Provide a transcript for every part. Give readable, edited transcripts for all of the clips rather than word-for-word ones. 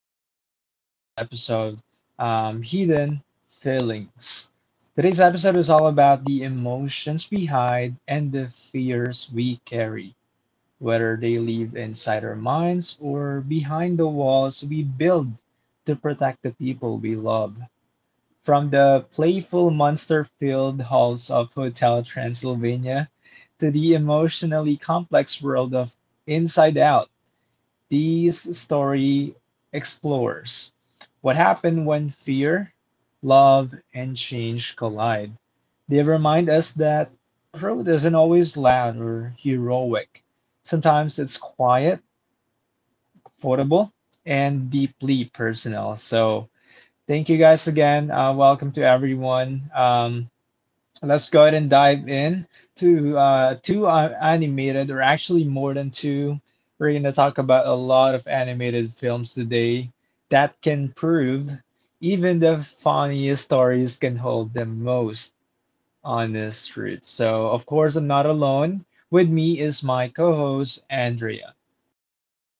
on our today's episode, Hidden Feelings. Today's episode is all about the emotions we hide and the fears we carry, whether they live inside our minds or behind the walls we build to protect the people we love. From the playful monster filled halls of Hotel Transylvania to the emotionally complex world of Inside Out, these story explores what happened when fear, love, and change collide. They remind us that growth isn't always loud or heroic. Sometimes it's quiet, affordable, and deeply personal. So, thank you guys again. Welcome to everyone. Let's go ahead and dive in to two animated, or actually more than two. We're going to talk about a lot of animated films today that can prove even the funniest stories can hold the most honest truth. So, of course, I'm not alone. With me is my co host, Andrea.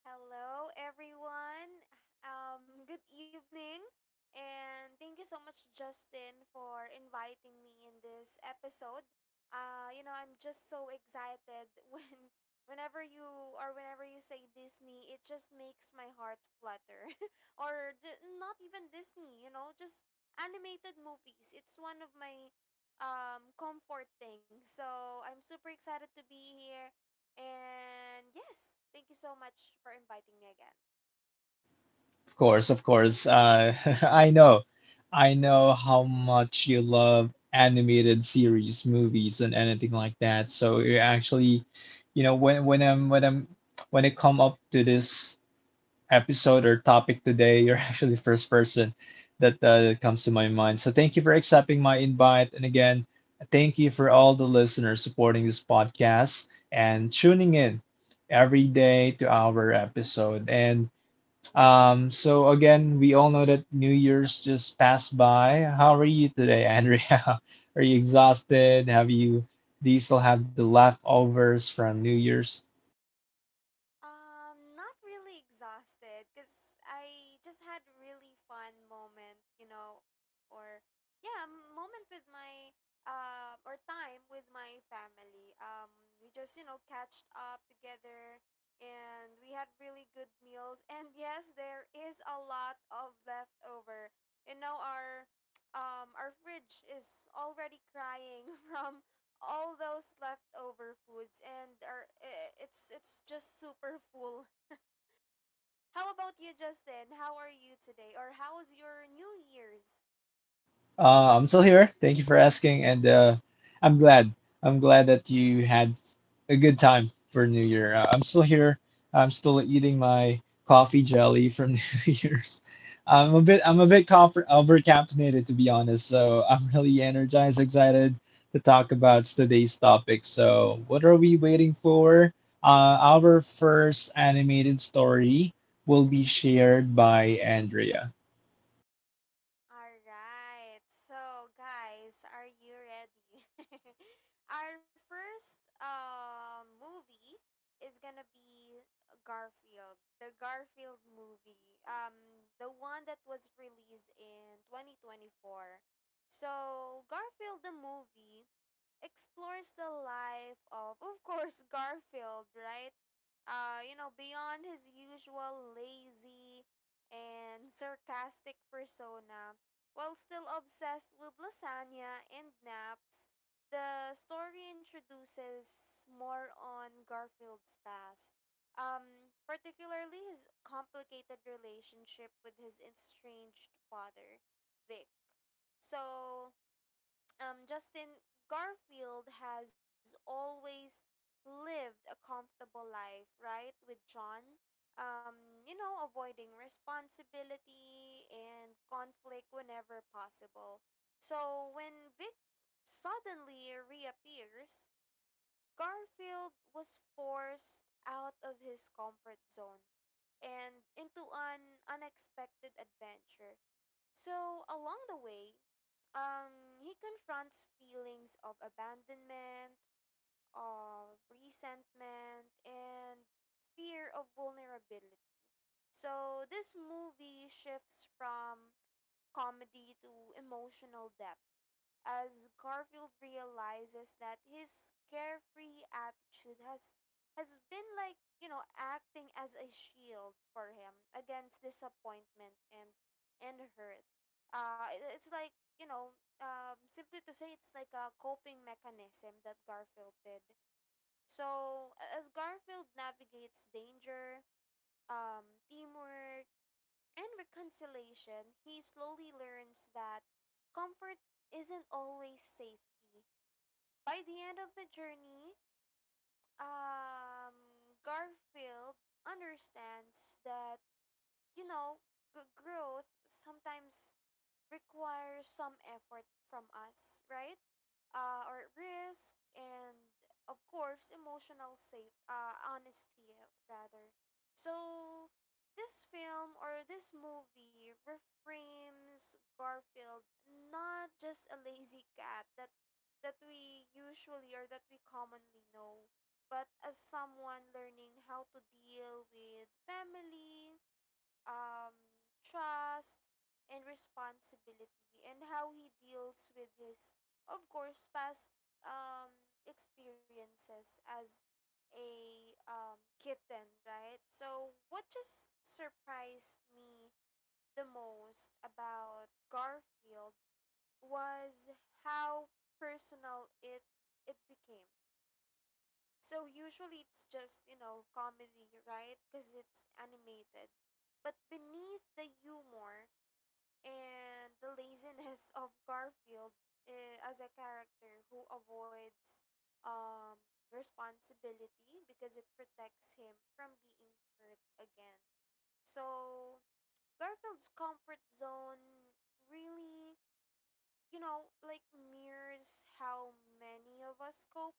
Hello, everyone. Good evening. And thank you so much, Justin, for inviting me in this episode. I'm just so excited when whenever you say Disney, it just makes my heart flutter. Not even Disney, you know, just animated movies. It's one of my comfort things. So, I'm super excited to be here, and yes, thank you so much for inviting me again. Of course, of course. I know. I know how much you love animated series, movies, and anything like that. So you actually, you know, when I'm when I'm when I come up to this episode or topic today, you're actually the first person that comes to my mind. So thank you for accepting my invite, and again, thank you for all the listeners supporting this podcast and tuning in every day to our episode and so again, we all know that New Year's just passed by. How are you today, Andrea? Are you exhausted? Do you still have the leftovers from New Year's? Not really exhausted because I just had really fun moment, you know, moment with my or time with my family. We just, you know, catched up together, and we had really good meals. And yes, there is a lot of leftover. You know, our fridge is already crying from all those leftover foods and it's just super full. How about you, Justin? How are you today? Or how's your New Year's? I'm still here. Thank you for asking, and I'm glad. I'm glad that you had a good time for New Year. I'm still here. I'm still eating my coffee jelly from New Year's. I'm a bit comfort, over caffeinated to be honest. So I'm really energized, excited to talk about today's topic. So what are we waiting for? Our first animated story will be shared by Andrea. All right. So, guys, are you ready? Our first movie is gonna be Garfield, the Garfield movie, the one that was released in 2024. So, Garfield the movie explores the life of course, Garfield, right? Beyond his usual lazy and sarcastic persona, while still obsessed with lasagna and naps, the story introduces more on Garfield's past, particularly his complicated relationship with his estranged father, Vic. So, Justin, Garfield has always lived a comfortable life, right? With John, you know, avoiding responsibility and conflict whenever possible. So when Vic suddenly reappears, Garfield was forced out of his comfort zone and into an unexpected adventure. So, along the way, he confronts feelings of abandonment, of resentment, and fear of vulnerability. So, this movie shifts from comedy to emotional depth as Garfield realizes that his carefree attitude has been, like, you know, acting as a shield for him against disappointment and hurt. It's like, you know, simply to say, it's like a coping mechanism that Garfield did. So as Garfield navigates danger, teamwork and reconciliation, he slowly learns that comfort isn't always safety. By the end of the journey, Garfield understands that, you know, growth sometimes requires some effort from us, right? Or risk and of course emotional safe honesty, rather. So this film or this movie reframes Garfield not just a lazy cat that we usually or that we commonly know, but as someone learning how to deal with family, um, trust and responsibility, and how he deals with his of course past um, experiences as a kitten, right? So what just surprised me the most about Garfield was how personal it became. So usually it's just, you know, comedy, right? Because it's animated. But beneath the humor and the laziness of Garfield as a character who avoids um, responsibility because it protects him from being hurt again. So Garfield's comfort zone really, you know, like mirrors how many of us cope,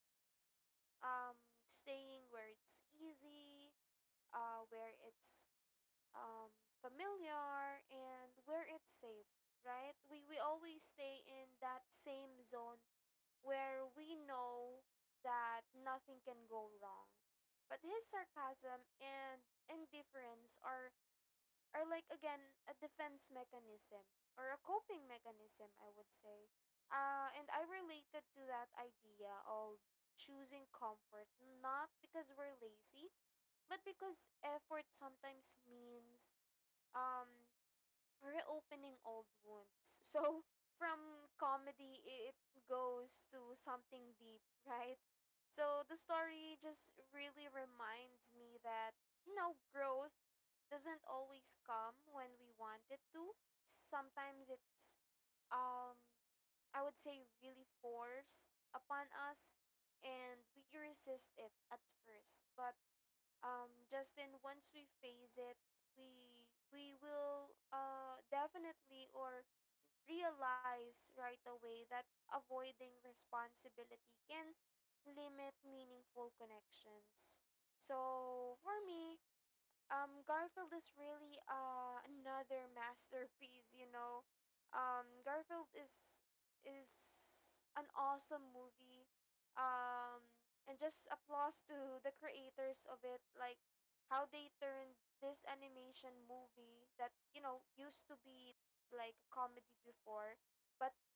um, staying where it's easy, where it's um, familiar, and where it's safe, right? We always stay in that same zone where we know that nothing can go wrong. But his sarcasm and indifference are, or like, again, a defense mechanism or a coping mechanism, I would say. And I related to that idea of choosing comfort not because we're lazy, but because effort sometimes means um reopening old wounds. So from comedy, it goes to something deep, right? So the story just really reminds me that, you know, growth doesn't always come when we want it to. Sometimes it's, um, I would say, really forced upon us and we resist it at first. But Justin, once we face it, we will, definitely, or realize right away that avoiding responsibility can limit meaningful connections. So for me, Garfield is really another masterpiece, you know. Garfield is an awesome movie. Um and just applause to the creators of it, like how they turned this animation movie that, you know, used to be like a comedy before, but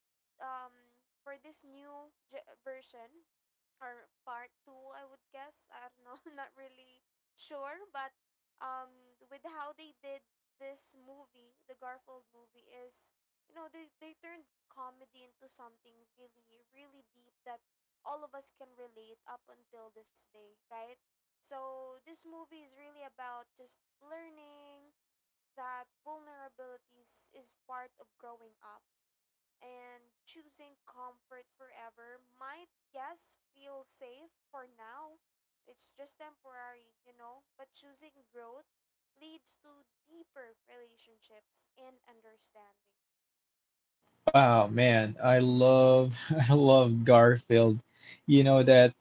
um for this new version or part two, I would guess. I don't know, not really sure, but with how they did this movie, the Garfield movie, is, you know, they turned comedy into something really really deep that all of us can relate up until this day, right? So this movie is really about just learning that vulnerabilities is part of growing up, and choosing comfort forever might, yes, feel safe for now. It's just temporary, you know, but choosing growth leads to deeper relationships and understanding. Oh man, I love I love Garfield. You know that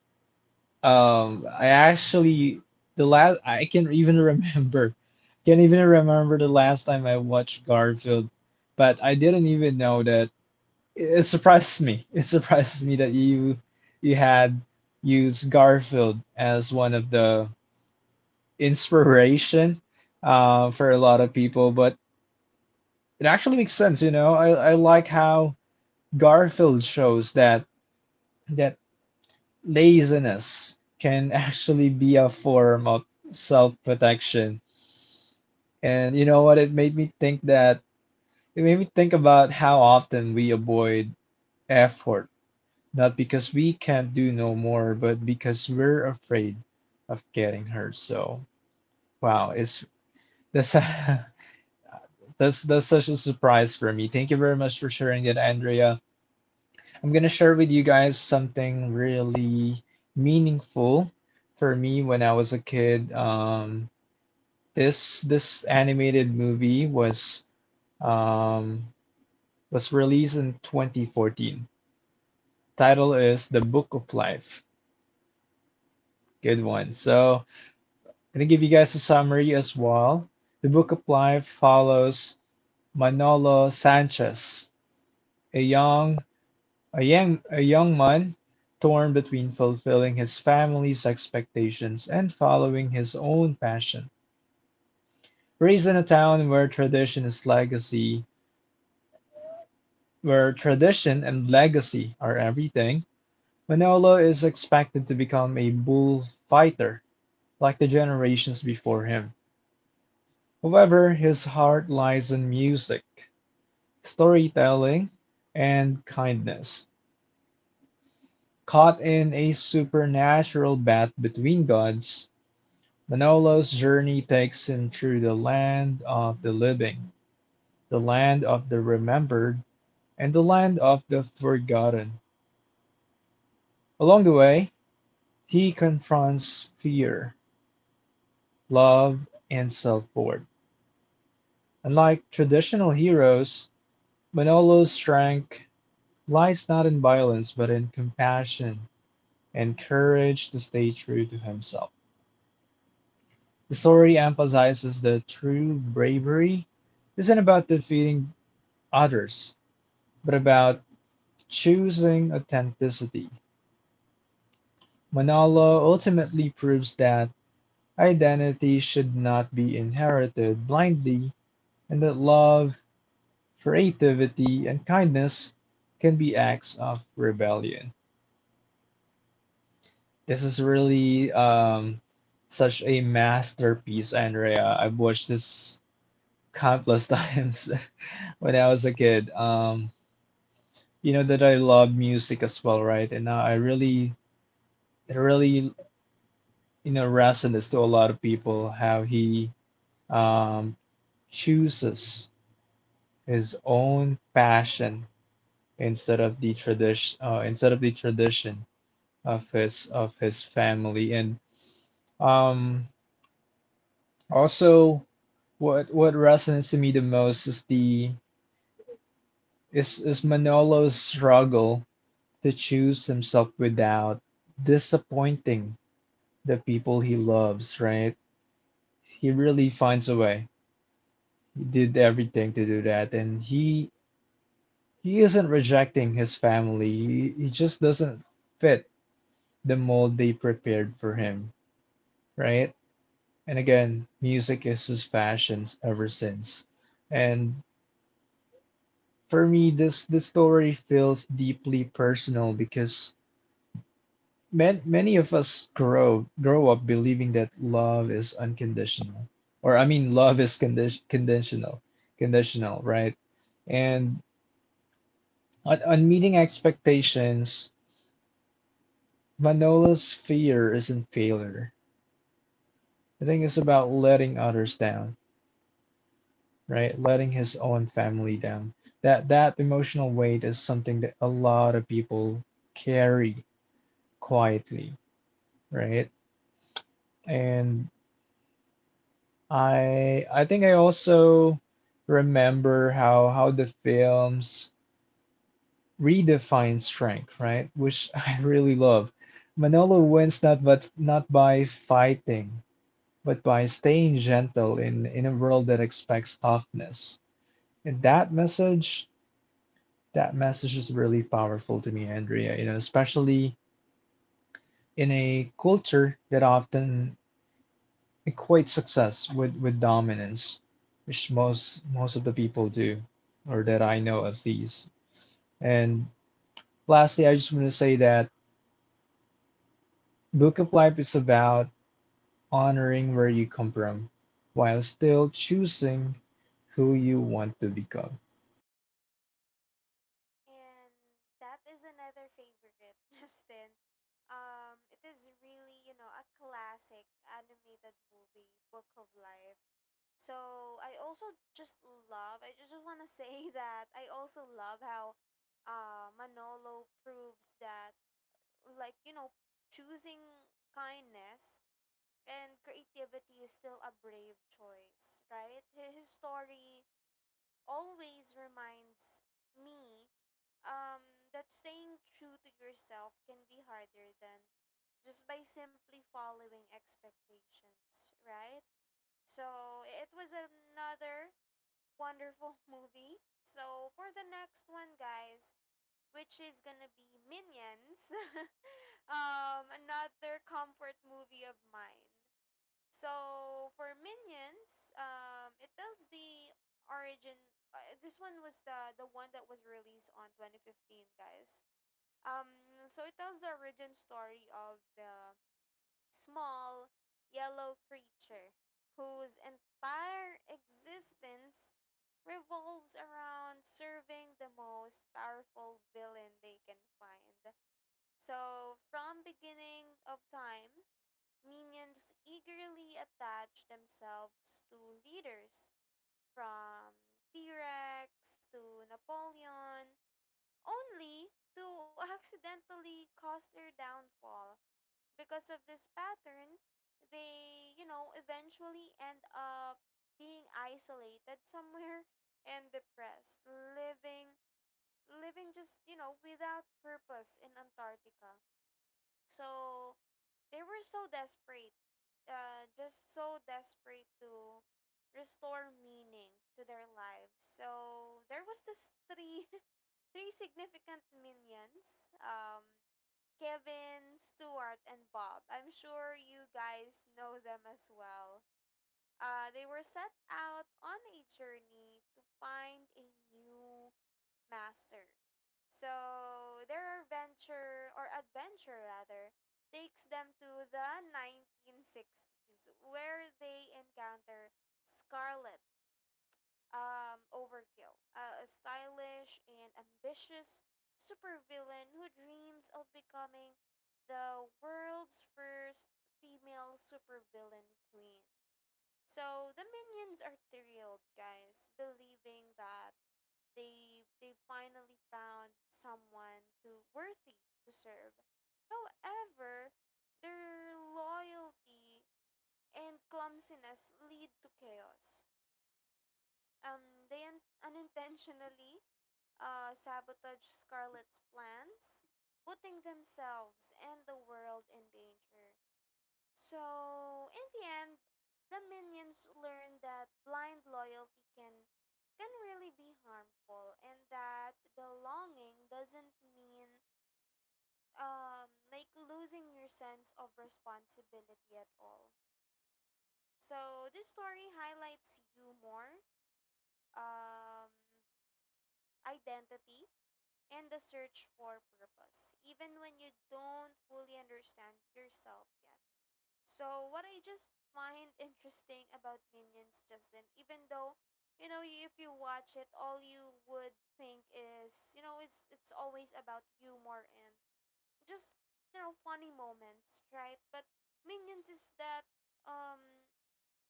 I actually the last I can even remember I can't even remember the last time I watched Garfield, but I didn't even know that it surprised me. It surprised me that you had used Garfield as one of the inspiration for a lot of people, but it actually makes sense, you know. I like how Garfield shows that laziness can actually be a form of self-protection. And you know what? It made me think about how often we avoid effort, not because we can't do no more, but because we're afraid of getting hurt. So, wow, it's that's that's such a surprise for me. Thank you very much for sharing that, Andrea. I'm gonna share with you guys something really meaningful for me when I was a kid. This this animated movie um, was released in 2014. Title is The Book of Life. Good one. So I'm gonna give you guys a summary as well. The Book of Life follows Manolo Sanchez, a young a young man torn between fulfilling his family's expectations and following his own passion. Raised in a town where tradition is legacy, Where tradition and legacy are everything, Manolo is expected to become a bullfighter like the generations before him. However, his heart lies in music, storytelling, and kindness. Caught in a supernatural bat between gods, Manolo's journey takes him through the land of the living, the land of the remembered, and the land of the forgotten. Along the way, he confronts fear, love, and self-worth. Unlike traditional heroes, Manolo's strength lies not in violence but in compassion and courage to stay true to himself. The story emphasizes that true bravery isn't about defeating others, but about choosing authenticity. Manolo ultimately proves that identity should not be inherited blindly and that love, creativity and kindness can be acts of rebellion. This is really such a masterpiece, Andrea. I've watched this countless times when I was a kid. You know that I love music as well, right? And now I really, it really, you know, resonates to a lot of people how he um, chooses his own passion instead of the tradition, of his family. And um also what resonates to me the most is the is Manolo's struggle to choose himself without disappointing the people he loves, right? He really finds a way. He did everything to do that and he isn't rejecting his family. He just doesn't fit the mold they prepared for him, right? And again, music is his passion ever since. And for me, this story feels deeply personal because many of us grow up believing that love is unconditional, or I mean, love is conditional, conditional, right? And on meeting expectations, Manolo's fear isn't failure. I think it's about letting others down right? Letting his own family down. That emotional weight is something that a lot of people carry quietly, right? And I think I also remember how the films redefine strength, right? Which I really love. Manolo wins not by fighting, but by staying gentle in a world that expects toughness. And that message is really powerful to me, Andrea, you know, especially in a culture that often equates success with dominance, which most of the people do, or that I know at least. And lastly, I just want to say that Book of Life is about honoring where you come from while still choosing who you want to become. And that is another favorite, Justin. It is really, you know, a classic animated movie, Book of Life. So I also just love. I just want to say that I also love how, Manolo proves that, like, you know, choosing kindness and creativity is still a brave choice, right? His story always reminds me, um, that staying true to yourself can be harder than just by simply following expectations, right? So it was another wonderful movie. So for the next one, guys, which is gonna be Minions, another comfort movie of mine. So for Minions, it tells the origin. This one was the one that was released on 2015, guys. Um, so it tells the origin story of the small yellow creature whose entire existence revolves around serving the most powerful villain they can find. So, from beginning of time, minions eagerly attach themselves to leaders from T-Rex to Napoleon only to accidentally cause their downfall. Because of this pattern, they, you know, eventually end up being isolated somewhere and depressed, living just, you know, without purpose in Antarctica. So, they were so desperate, just so desperate to restore meaning to their lives. So, there was this three three significant minions. Kevin, Stuart, and Bob. I'm sure you guys know them as well. They were set out on a journey to find a new master. So their adventure, or adventure rather, takes them to the 1960s where they encounter Scarlet, overkill, a stylish and ambitious supervillain who dreams of becoming the world's first female supervillain queen. So the minions are thrilled, guys, believing that they finally found someone to worthy to serve. However, their loyalty and clumsiness lead to chaos. Unintentionally, sabotage Scarlet's plans, putting themselves and the world in danger. So, in the end, the minions learn that blind loyalty can really be harmful and that belonging doesn't mean like losing your sense of responsibility at all. So, this story highlights humor, um identity, and the search for purpose, even when you don't fully understand yourself yet. So, what I just find interesting about Minions, Justin, even though, you know, if you watch it, all you would think is, you know, it's always about humor and just, you know, funny moments, right? But Minions is that, um,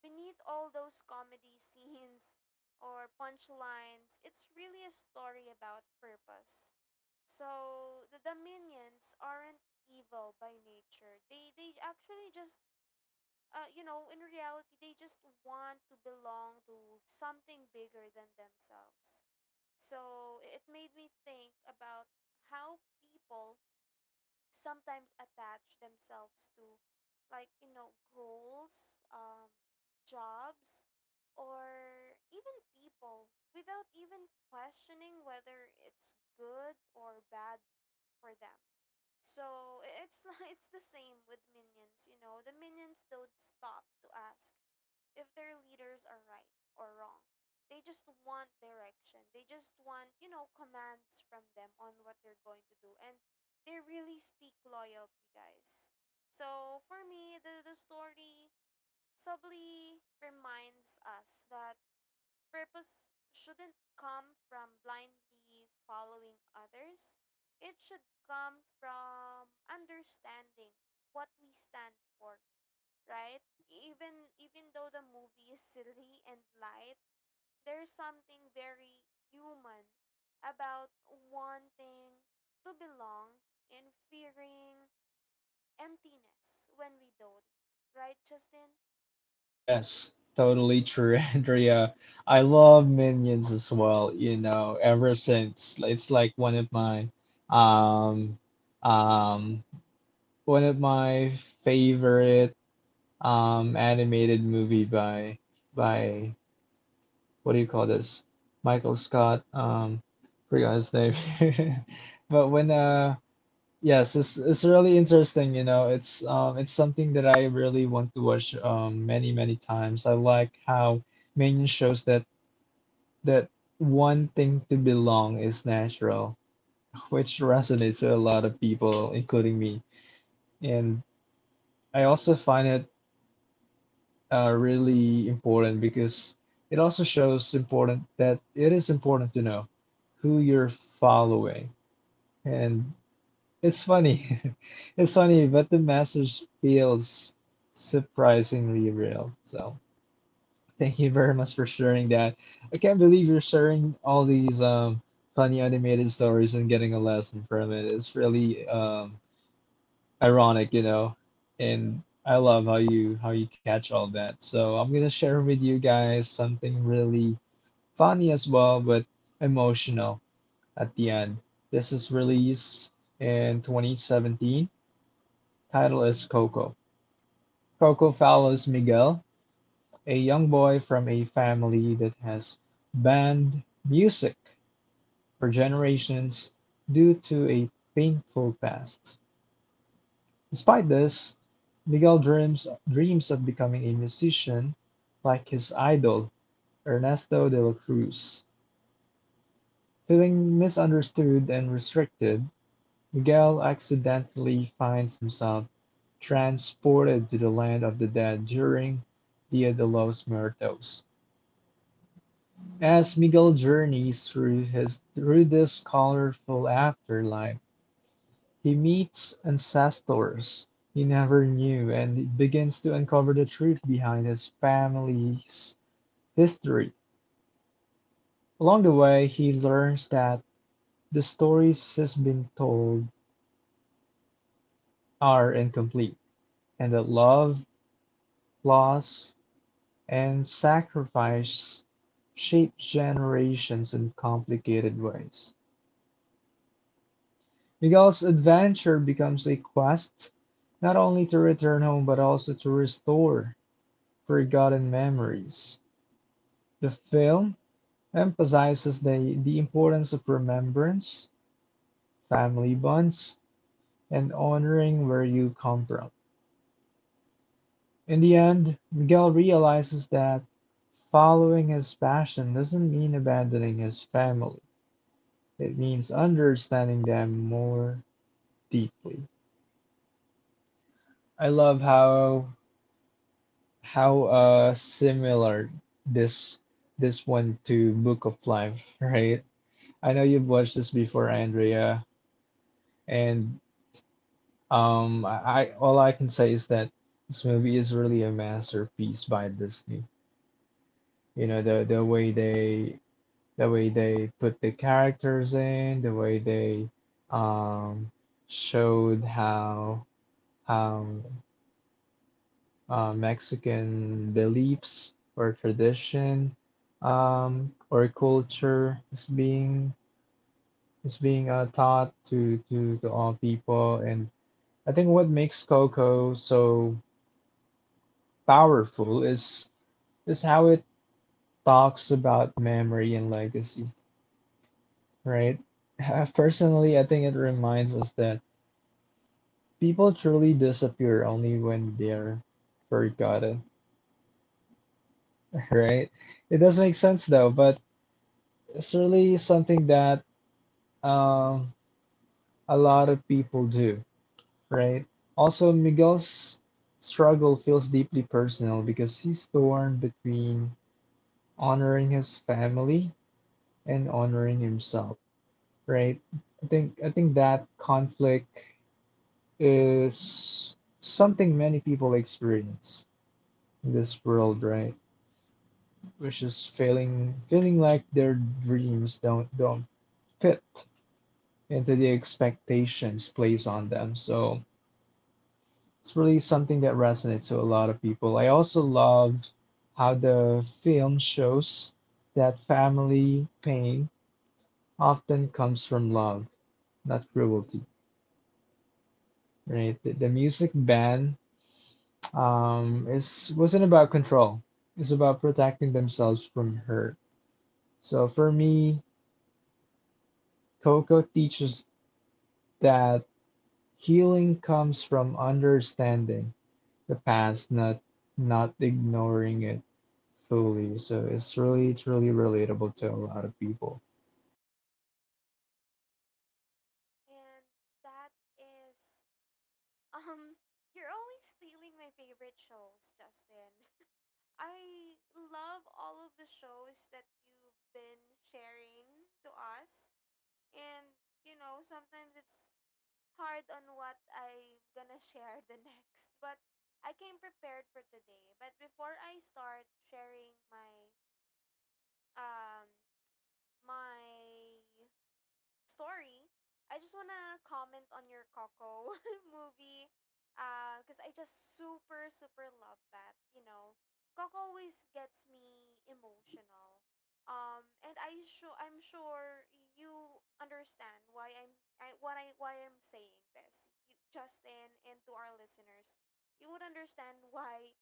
beneath all those comedy scenes or punchlines, it's really a story about purpose. So the Dominions aren't evil by nature. They actually just, you know, in reality they just want to belong to something bigger than themselves. So it made me think about how people sometimes attach themselves to, like, you know, goals, jobs, or even people without even questioning whether it's good or bad for them. So it's it's the same with minions, you know. The minions don't stop to ask if their leaders are right or wrong. They just want direction. They just want, you know, commands from them on what they're going to do. And they really speak loyalty, guys. So for me, the story subtly reminds us that purpose shouldn't come from blindly following others. It should come from understanding what we stand for, right? Even though the movie is silly and light, there's something very human about wanting to belong and fearing emptiness when we don't, right, Justin? Yes, totally true, Andrea. I love Minions as well, you know, ever since. It's like um um one of my favorite animated movie by what do you call this? Michael Scott, forgot his name. But when yes, it's really interesting, you know. It's something that I really want to watch many many times. I like how Main shows that one thing to belong is natural, which resonates with a lot of people, including me. And I also find it really important because it also shows important that it is important to know who you're following and it's funny. It's funny, but the message feels surprisingly real. So thank you very much for sharing that. I can't believe you're sharing all these funny animated stories and getting a lesson from it. It's really ironic, you know. And I love how you catch all that. So I'm gonna share with you guys something really funny as well, but emotional at the end. This is released in 2017. Title is Coco. Coco follows Miguel, a young boy from a family that has banned music for generations due to a painful past. Despite this, Miguel dreams dreams of becoming a musician like his idol, Ernesto de la Cruz. Feeling misunderstood and restricted, Miguel accidentally finds himself transported to the land of the dead during Dia de los Muertos. As Miguel journeys through this colorful afterlife, he meets ancestors he never knew and begins to uncover the truth behind his family's history. Along the way, he learns that the stories he's been told are incomplete and that love, loss, and sacrifice shape generations in complicated ways. Miguel's adventure becomes a quest not only to return home but also to restore forgotten memories. The film emphasizes the importance of remembrance, family bonds, and honoring where you come from. In the end, Miguel realizes that following his passion doesn't mean abandoning his family. It means understanding them more deeply. I love how similar this this one to Book of Life, right? I know you've watched this before, Andrea, and I all I can say is that this movie is really a masterpiece by Disney. You know, the way the way they put the characters in, the way they um showed how Mexican beliefs or tradition or culture is being taught to all people. And I think what makes Coco so powerful is how it talks about memory and legacy, right? Personally, I think it reminds us that people truly disappear only when they're forgotten, right? It does make sense though, but it's really something that Um, a lot of people do, right? Also, Miguel's struggle feels deeply personal because he's torn between honoring his family and honoring himself, right? I think that conflict is something many people experience in this world, right? Which is feeling like their dreams don't fit into the expectations placed on them. So it's really something that resonates to a lot of people. I also loved how the film shows that family pain often comes from love, not cruelty, right? The music band is wasn't about control. It's about protecting themselves from hurt. So for me, Coco teaches that healing comes from understanding the past, not ignoring it fully. So it's really relatable to a lot of people. And that is, Um, you're always stealing my favorite shows, Justin. I love all of the shows that you've been sharing to us. And, you know, sometimes it's hard on what I'm gonna share the next. But I came prepared for today. But before I start sharing my um my story, I just wanna comment on your Coco movie, because I just super super love that. You know, Coco always gets me emotional. And I sure I'm sure you understand why I'm I, what I why I'm saying this. You, Justin, and to our listeners, you would understand why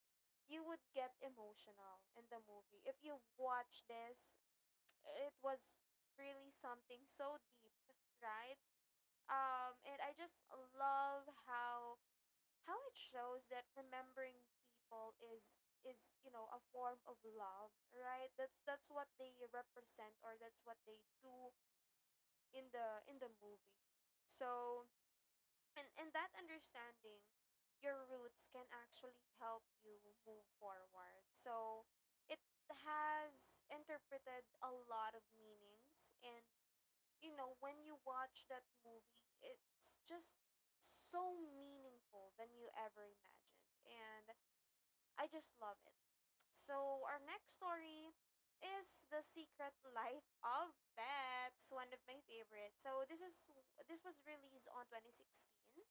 you would get emotional in the movie. If you've watched this, it was really something so deep, right? And I just love how it shows that remembering people is a form of love, right? That's what they represent or that's what they do in the movie. So and that understanding your roots can actually help you move forward. So it has interpreted a lot of meanings and you know, when you watch that movie, it's just so meaningful than you ever imagined. And I just love it. So, our next story is The Secret Life of Pets, one of my favorites. So, this was released on 2016.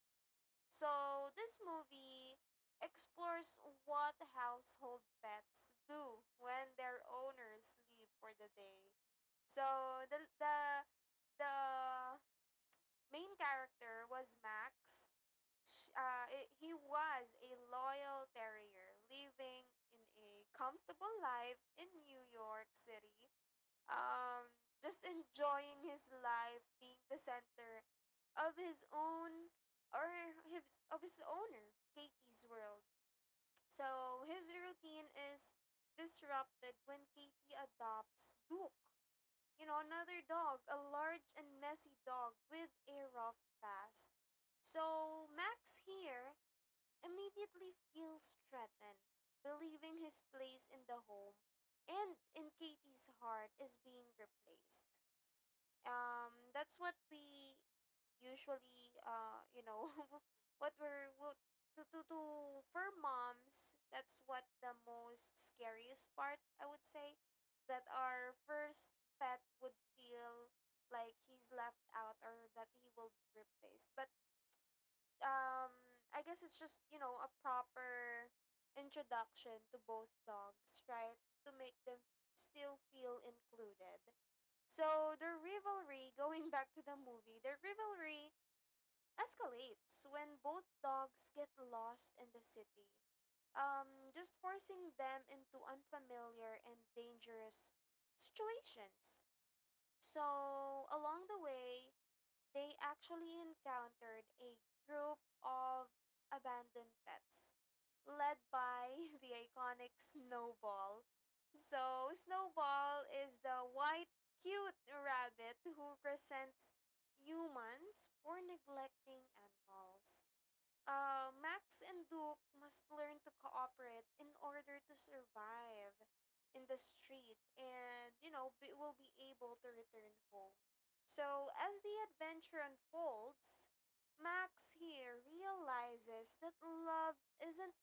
So, this movie explores what household pets do when their owners leave for the day. So, the main character was Max. He was a loyal terrier living in a comfortable life in New York City. Just enjoying his life, being the center of his own or his of his owner, Katie's world. So his routine is disrupted when Katie adopts Duke, you know, another dog, a large and messy dog with a rough past. So Max here immediately feels threatened, believing his place in the home and in Katie's heart is being replaced, that's what we usually, you know, what we're what, to for moms, that's what the most scariest part I would say, that our first pet would feel like he's left out or that he will be replaced. But um I guess it's just, you know, a proper introduction to both dogs, right? To make them still feel included. So their rivalry, going back to the movie, their rivalry escalates when both dogs get lost in the city. Just forcing them into unfamiliar and dangerous situations. So along the way, they actually encountered a group of abandoned pets led by the iconic Snowball. So, Snowball is the white, cute rabbit who resents humans for neglecting animals. Max and Duke must learn to cooperate in order to survive in the street and, you know, will be able to return home. So, as the adventure unfolds, Max here realizes that love isn't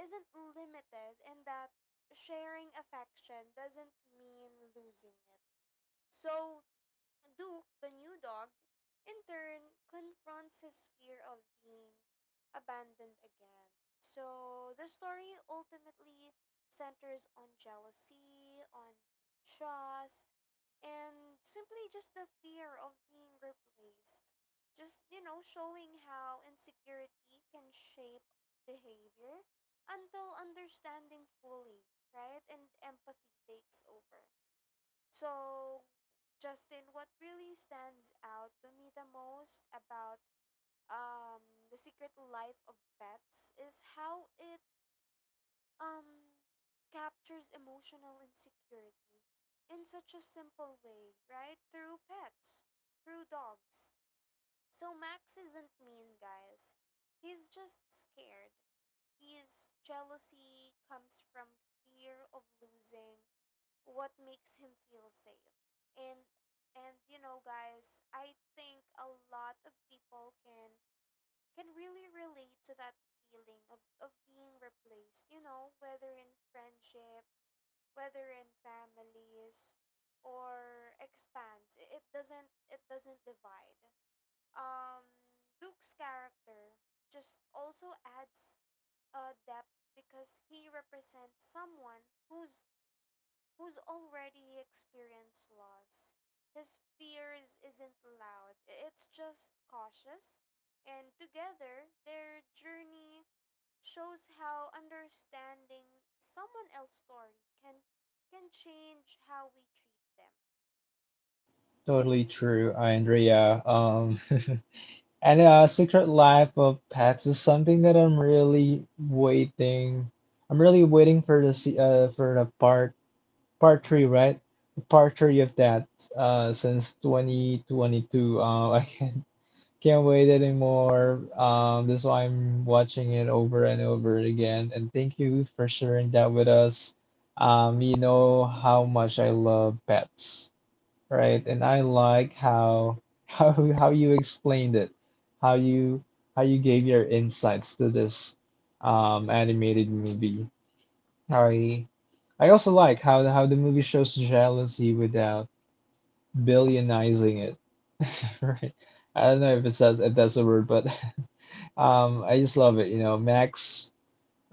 isn't limited and that sharing affection doesn't mean losing it. So, Duke, the new dog, in turn confronts his fear of being abandoned again. So the story ultimately centers on jealousy, on trust, and simply just the fear of being replaced. Just, you know, showing how insecurity can shape behavior until understanding fully, right? And empathy takes over. So, Justin, what really stands out to me the most about um the secret life of pets is how it um captures emotional insecurity in such a simple way, right? Through pets, through dogs. So Max isn't mean, guys. He's just scared. His jealousy comes from fear of losing what makes him feel safe. And you know guys, I think a lot of people can really relate to that feeling of being replaced, you know, whether in friendship, whether in families or expands. It doesn't, divide. Um Duke's character just also adds a depth because he represents someone who's already experienced loss. His fears isn't loud, it's just cautious. And together, their journey shows how understanding someone else's story can change how we treat them. Totally true, Andrea. And Secret Life of Pets is something that I'm really waiting. I'm really waiting for the for the part three, right? Part three of that since 2022. I can't wait anymore. That's why I'm watching it over and over again. And thank you for sharing that with us. You know how much I love pets, right? And I like how how how you explained it, how you how you gave your insights to this animated movie. I I also like how the movie shows jealousy without billionizing it. Right. I don't know if it says if that's a word, but I just love it, you know, Max,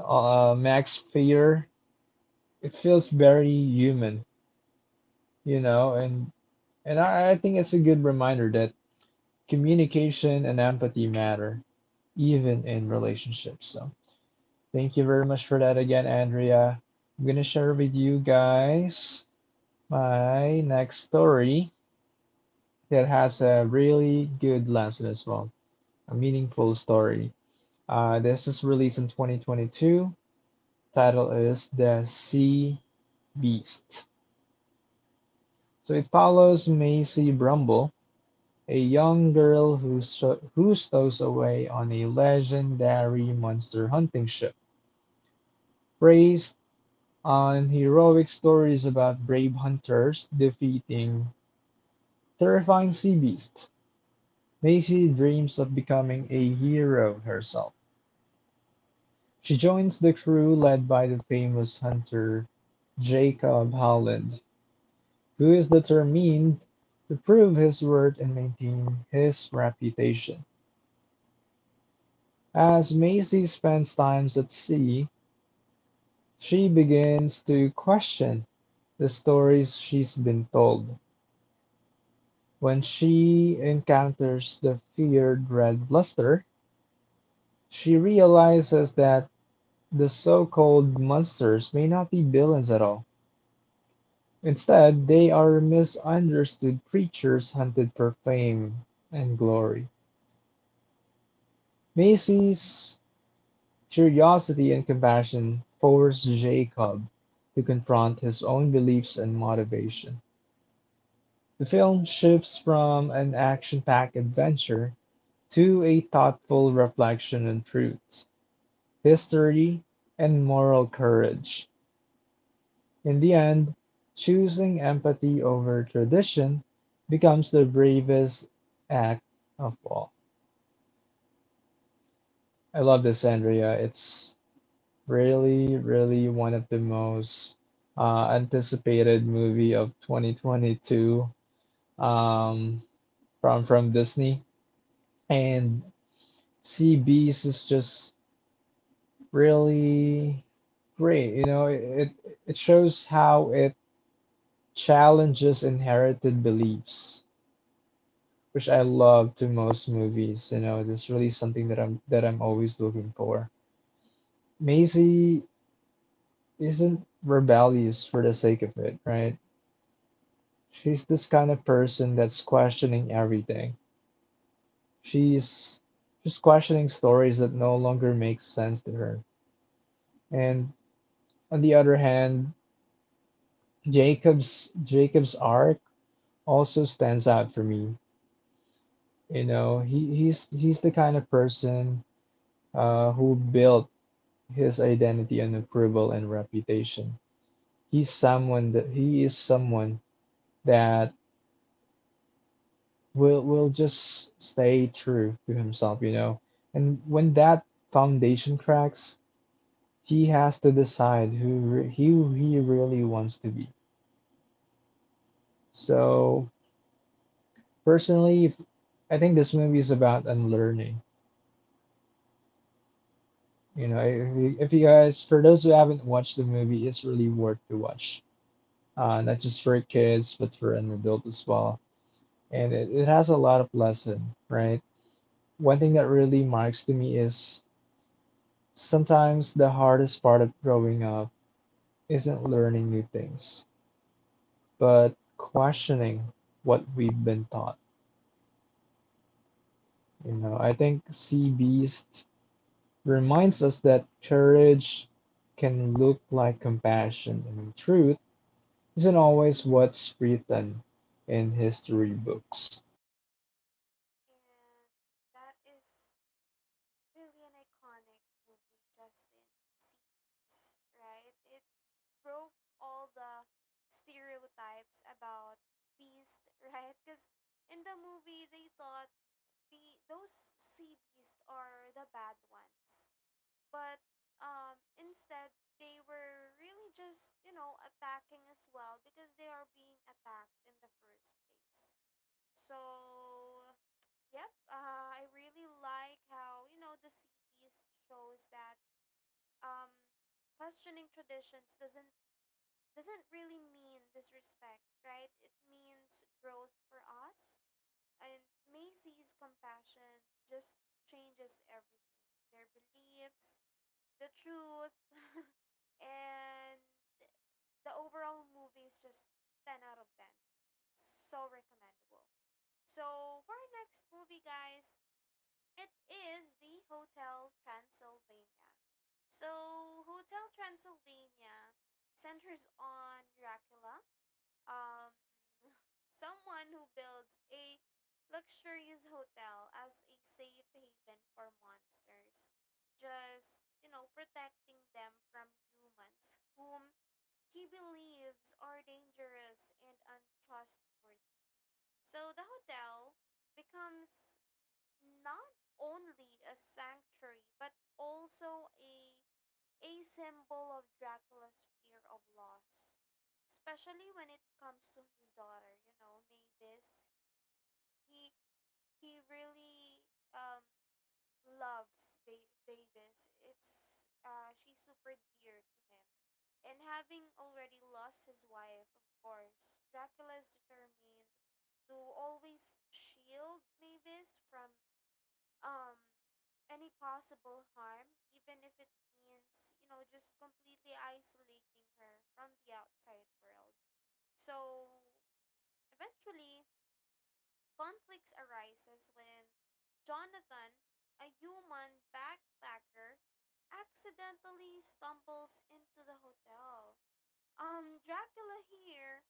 Max fear. It feels very human, you know, and I think it's a good reminder that communication and empathy matter, even in relationships. So thank you very much for that again, Andrea. I'm gonna share with you guys my next story that has a really good lesson as well, a meaningful story. This is released in 2022. Title is The Sea Beast. So it follows Macy Brumble, a young girl who stows away on a legendary monster hunting ship, praised on heroic stories about brave hunters defeating terrifying sea beasts. Macy dreams of becoming a hero herself. She joins the crew led by the famous hunter Jacob Holland, who is determined to prove his worth and maintain his reputation. As Macy spends time at sea, she begins to question the stories she's been told. When she encounters the feared red bluster, she realizes that the so called monsters may not be villains at all. Instead, they are misunderstood creatures hunted for fame and glory. Macy's curiosity and compassion force Jacob to confront his own beliefs and motivation. The film shifts from an action-packed adventure to a thoughtful reflection on truth, history, and moral courage. In the end, choosing empathy over tradition becomes the bravest act of all. I love this, Andrea. It's really, really one of the most anticipated movie of 2022, um, from Disney. And Sea Beast is just really great. You know, it shows how it challenges inherited beliefs, which I love to most movies. You know, it's really something that I'm always looking for. Maisie isn't rebellious for the sake of it, right? She's this kind of person that's questioning everything. She's she's questioning stories that no longer make sense to her. And on the other hand, Jacob's arc also stands out for me. You know, he's the kind of person who built his identity on approval and reputation. He is someone that will just stay true to himself, you know. And when that foundation cracks, he has to decide who re- he really wants to be. So personally, if, I think this movie is about unlearning. You know, if you guys, for those who haven't watched the movie, it's really worth to watch. Not just for kids, but for an adult as well. And it has a lot of lesson, right? One thing that really marks to me is, sometimes the hardest part of growing up isn't learning new things, but questioning what we've been taught. You know, I think Sea Beast reminds us that courage can look like compassion and truth isn't always what's written in history books. And that is really an iconic movie, Justin. Sea Beast, right? It broke all the stereotypes about beast, right? Because in the movie, they thought be those sea beasts are the bad ones, but instead they were really just you know attacking as well because they are being attacked in the first place. So yep, I really like how you know the sea beast shows that um, questioning traditions doesn't really mean disrespect, right? It means growth for us. And Macy's compassion just changes everything, their beliefs, the truth, and the overall movie is just 10 out of 10. So recommendable. So, for our next movie, guys, it is the Hotel Transylvania. So, Hotel Transylvania centers on Dracula, um, someone who builds a luxurious hotel as a safe haven for monsters, just, you know, protecting them from humans whom he believes are dangerous and untrustworthy. So the hotel becomes not only a sanctuary but also a symbol of Dracula's fear of loss, especially when it comes to his daughter. You know, Mavis. He he really loves Davis. It's she's super dear to him, and having already lost his wife, of course, Dracula is determined to always shield Mavis from um any possible harm, even if it means you know just completely isolating her from the outside world. So eventually conflicts arises when Jonathan, a human backpacker, accidentally stumbles into the hotel. Dracula here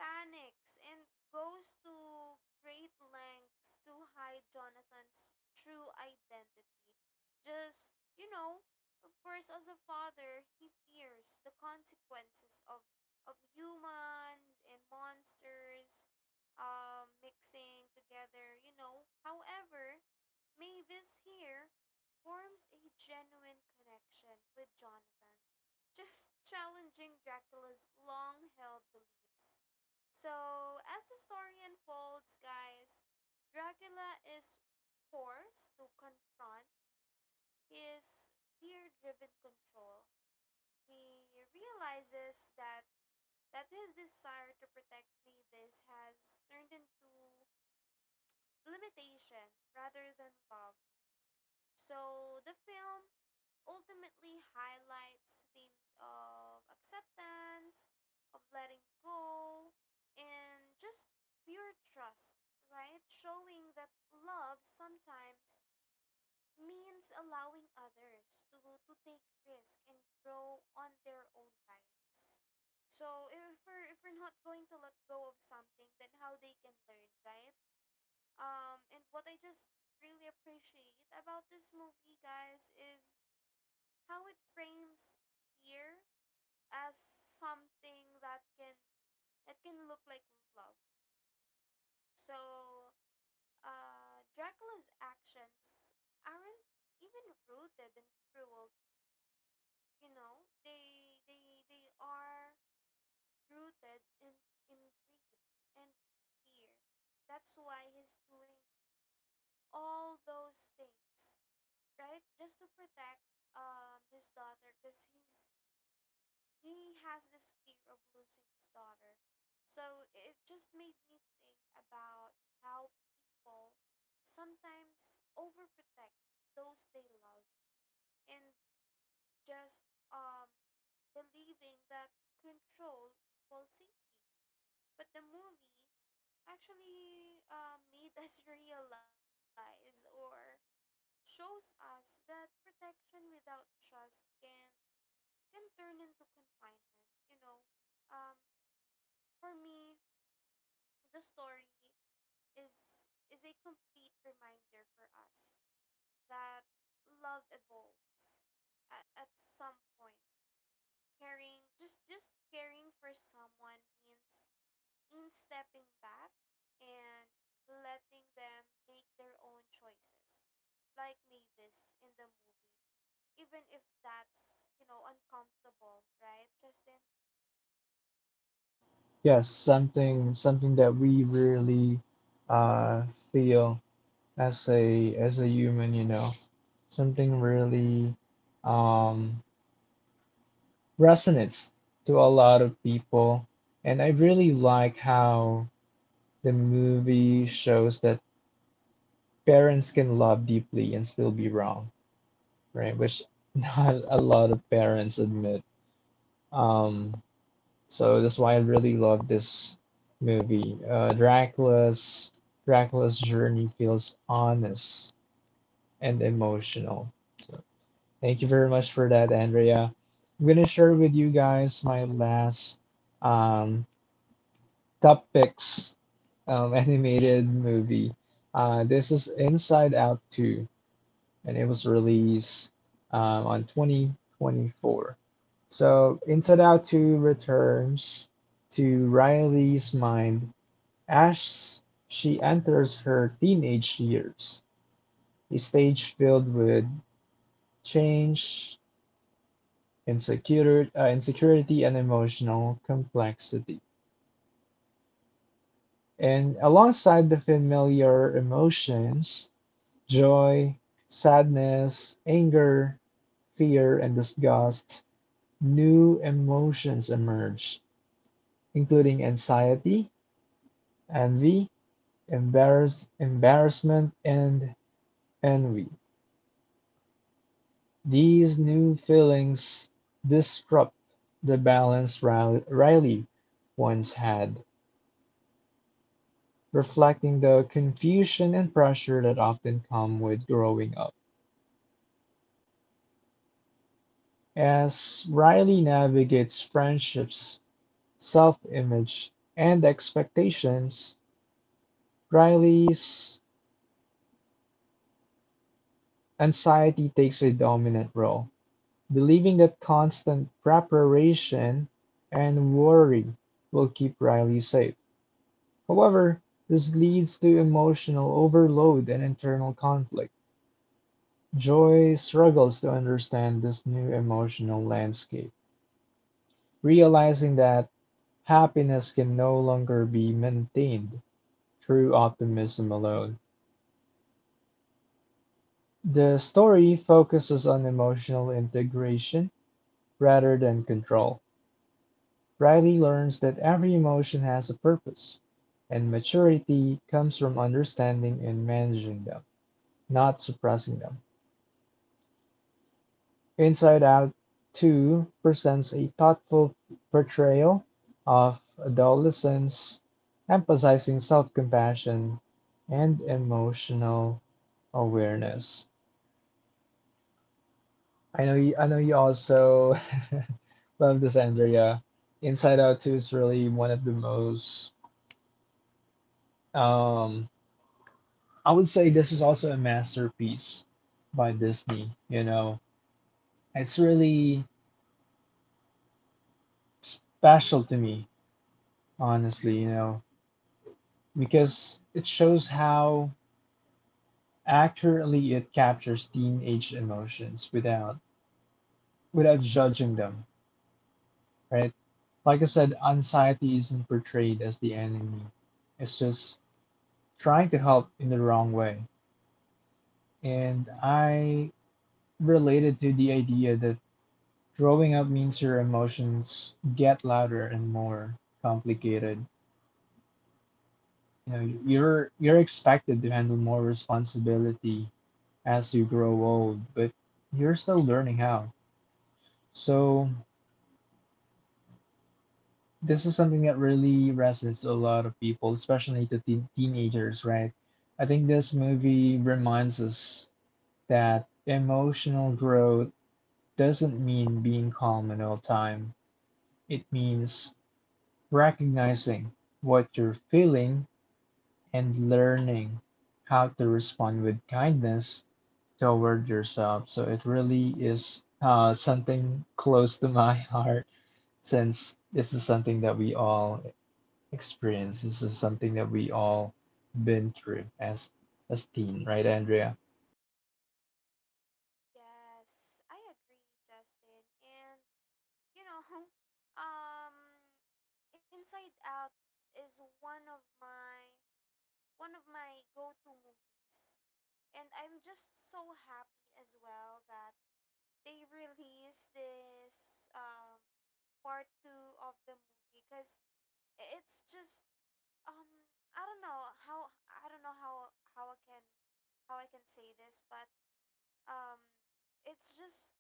panics and goes to great lengths to hide Jonathan's true identity. Just, you know, of course, as a father, he fears the consequences of humans and monsters mixing together, you know. However, Mavis here forms a genuine connection with Jonathan, just challenging Dracula's long held beliefs. So, as the story unfolds, guys, Dracula is forced to confront his fear driven control. He realizes that his desire to protect Mavis has turned into limitation rather than love. So the film ultimately highlights themes of acceptance, of letting go, and just pure trust, right? Showing that love sometimes means allowing others to take risk and grow on their own lives. So if we're not going to let go of something, then how they can learn, right? And what I just really appreciate about this movie, guys, is how it frames fear as something that can look like love. So Dracula's actions aren't even rooted in cruelty. You know, they are rooted in grief and fear. That's why he's doing all those things, right? Just to protect his daughter, cause he has this fear of losing his daughter. So it just made me think about how people sometimes overprotect those they love and just um believing that control equals safety. But the movie actually, made us realize or shows us that protection without trust can turn into confinement. You know, um, for me, the story is a complete reminder for us that love evolves at some point. Caring, just caring for someone means stepping back and letting them make their own choices. Like Mavis in the movie. Even if that's, you know, uncomfortable, right, Justin? Yes, something that we really uh, feel as a human, you know, something really um resonates to a lot of people. And I really like how the movie shows that parents can love deeply and still be wrong, right? Which not a lot of parents admit. Um, so that's why I really love this movie. Dracula's journey feels honest and emotional. So thank you very much for that, Andrea. I'm gonna share with you guys my last um Top Picks animated movie. This is Inside Out 2, and it was released on 2024. So Inside Out 2 returns to Riley's mind as she enters her teenage years, a stage filled with change, insecurity and emotional complexity. And alongside the familiar emotions, joy, sadness, anger, fear, and disgust, new emotions emerge, including anxiety, envy, embarrassment, and envy. These new feelings disrupt the balance Riley once had, reflecting the confusion and pressure that often come with growing up. As Riley navigates friendships, self image, and expectations, Riley's anxiety takes a dominant role, believing that constant preparation and worry will keep Riley safe. However, this leads to emotional overload and internal conflict. Joy struggles to understand this new emotional landscape, realizing that happiness can no longer be maintained through optimism alone. The story focuses on emotional integration rather than control. Riley learns that every emotion has a purpose, and maturity comes from understanding and managing them, not suppressing them. Inside Out 2 presents a thoughtful portrayal of adolescence, emphasizing self compassion and emotional awareness. I know you also love this, Andrea. Inside Out 2 is really one of the most um I would say this is also a masterpiece by Disney, you know. It's really special to me, honestly, you know, because it shows how accurately it captures teenage emotions without judging them, right? Like I said, anxiety isn't portrayed as the enemy. It's just trying to help in the wrong way. And I related to the idea that growing up means your emotions get louder and more complicated. You know, you're expected to handle more responsibility as you grow old, but you're still learning how. So this is something that really resonates to a lot of people, especially to teenagers, right? I think this movie reminds us that emotional growth doesn't mean being calm at all time. It means recognizing what you're feeling and learning how to respond with kindness toward yourself. So it really is something close to my heart since this is something that we all experience. This is something that we all been through as teen, right, Andrea? Yes, I agree, Justin. And you know, um, Inside Out is one of my go-to movies, and I'm just so happy as well that they released this part two of the movie because it's just, um I don't know how, how I can say this, but um it's just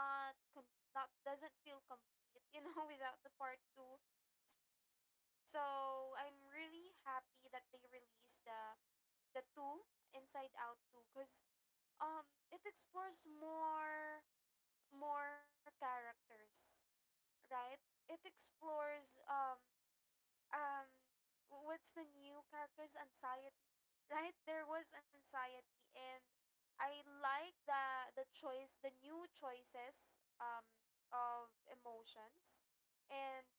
not, doesn't feel complete, you know, without the part two. So, I'm really happy that they released the two Inside Out two, cuz it explores more characters, right? It explores um what's the new character's anxiety, right? There was anxiety. And I like the new choices of emotions, and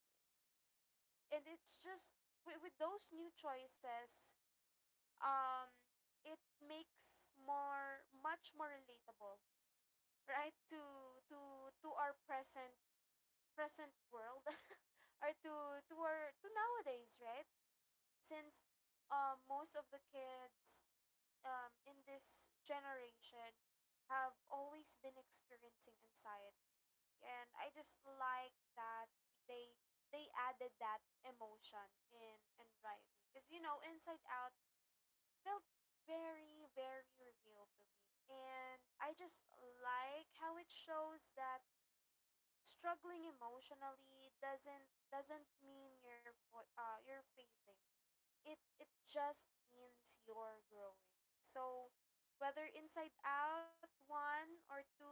it's just with those new choices, um it makes more much more relatable, right, to our present world, or to our, to nowadays, right? Since most of the kids, in this generation, have always been experiencing anxiety, and I just like that they they added that emotion in Riley, because you know Inside Out felt very real to me, and I just like how it shows that struggling emotionally doesn't mean you're you're failing, it just means you're growing. So whether Inside Out one or two,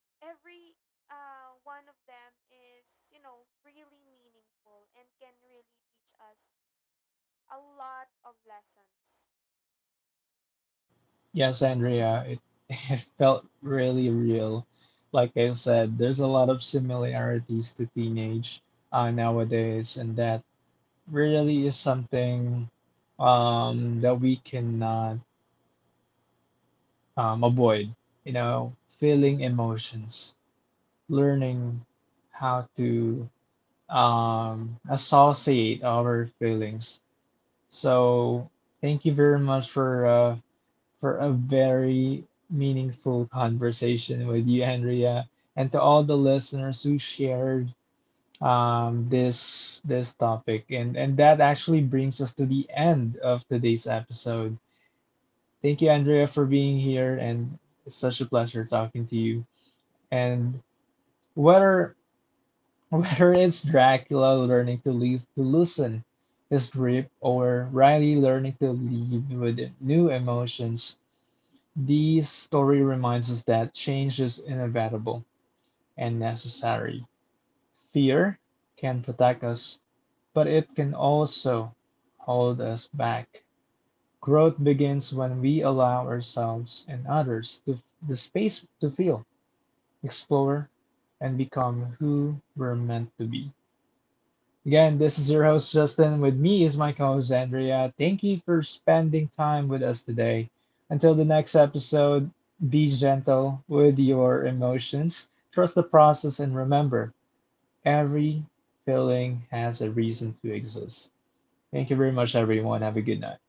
every one of them is, you know, really meaningful and can really teach us a lot of lessons. Yes, Andrea, it, it felt really real. Like I said, there's a lot of similarities to teenage nowadays, and that really is something that we cannot avoid. You know, feeling emotions, learning how to associate our feelings. So thank you very much for a very meaningful conversation with you, Andrea, and to all the listeners who shared this this topic. And that actually brings us to the end of today's episode. Thank you, Andrea, for being here, and it's such a pleasure talking to you. And whether whether it's Dracula learning to least to loosen his grip or Riley learning to lead with new emotions, the story reminds us that change is inevitable and necessary. Fear can protect us, but it can also hold us back. Growth begins when we allow ourselves and others to the space to feel, explore, and become who we're meant to be. Again, this is your host Justin. With me is my co host Andrea. Thank you for spending time with us today. Until the next episode, be gentle with your emotions, trust the process, and remember every feeling has a reason to exist. Thank you very much, everyone. Have a good night.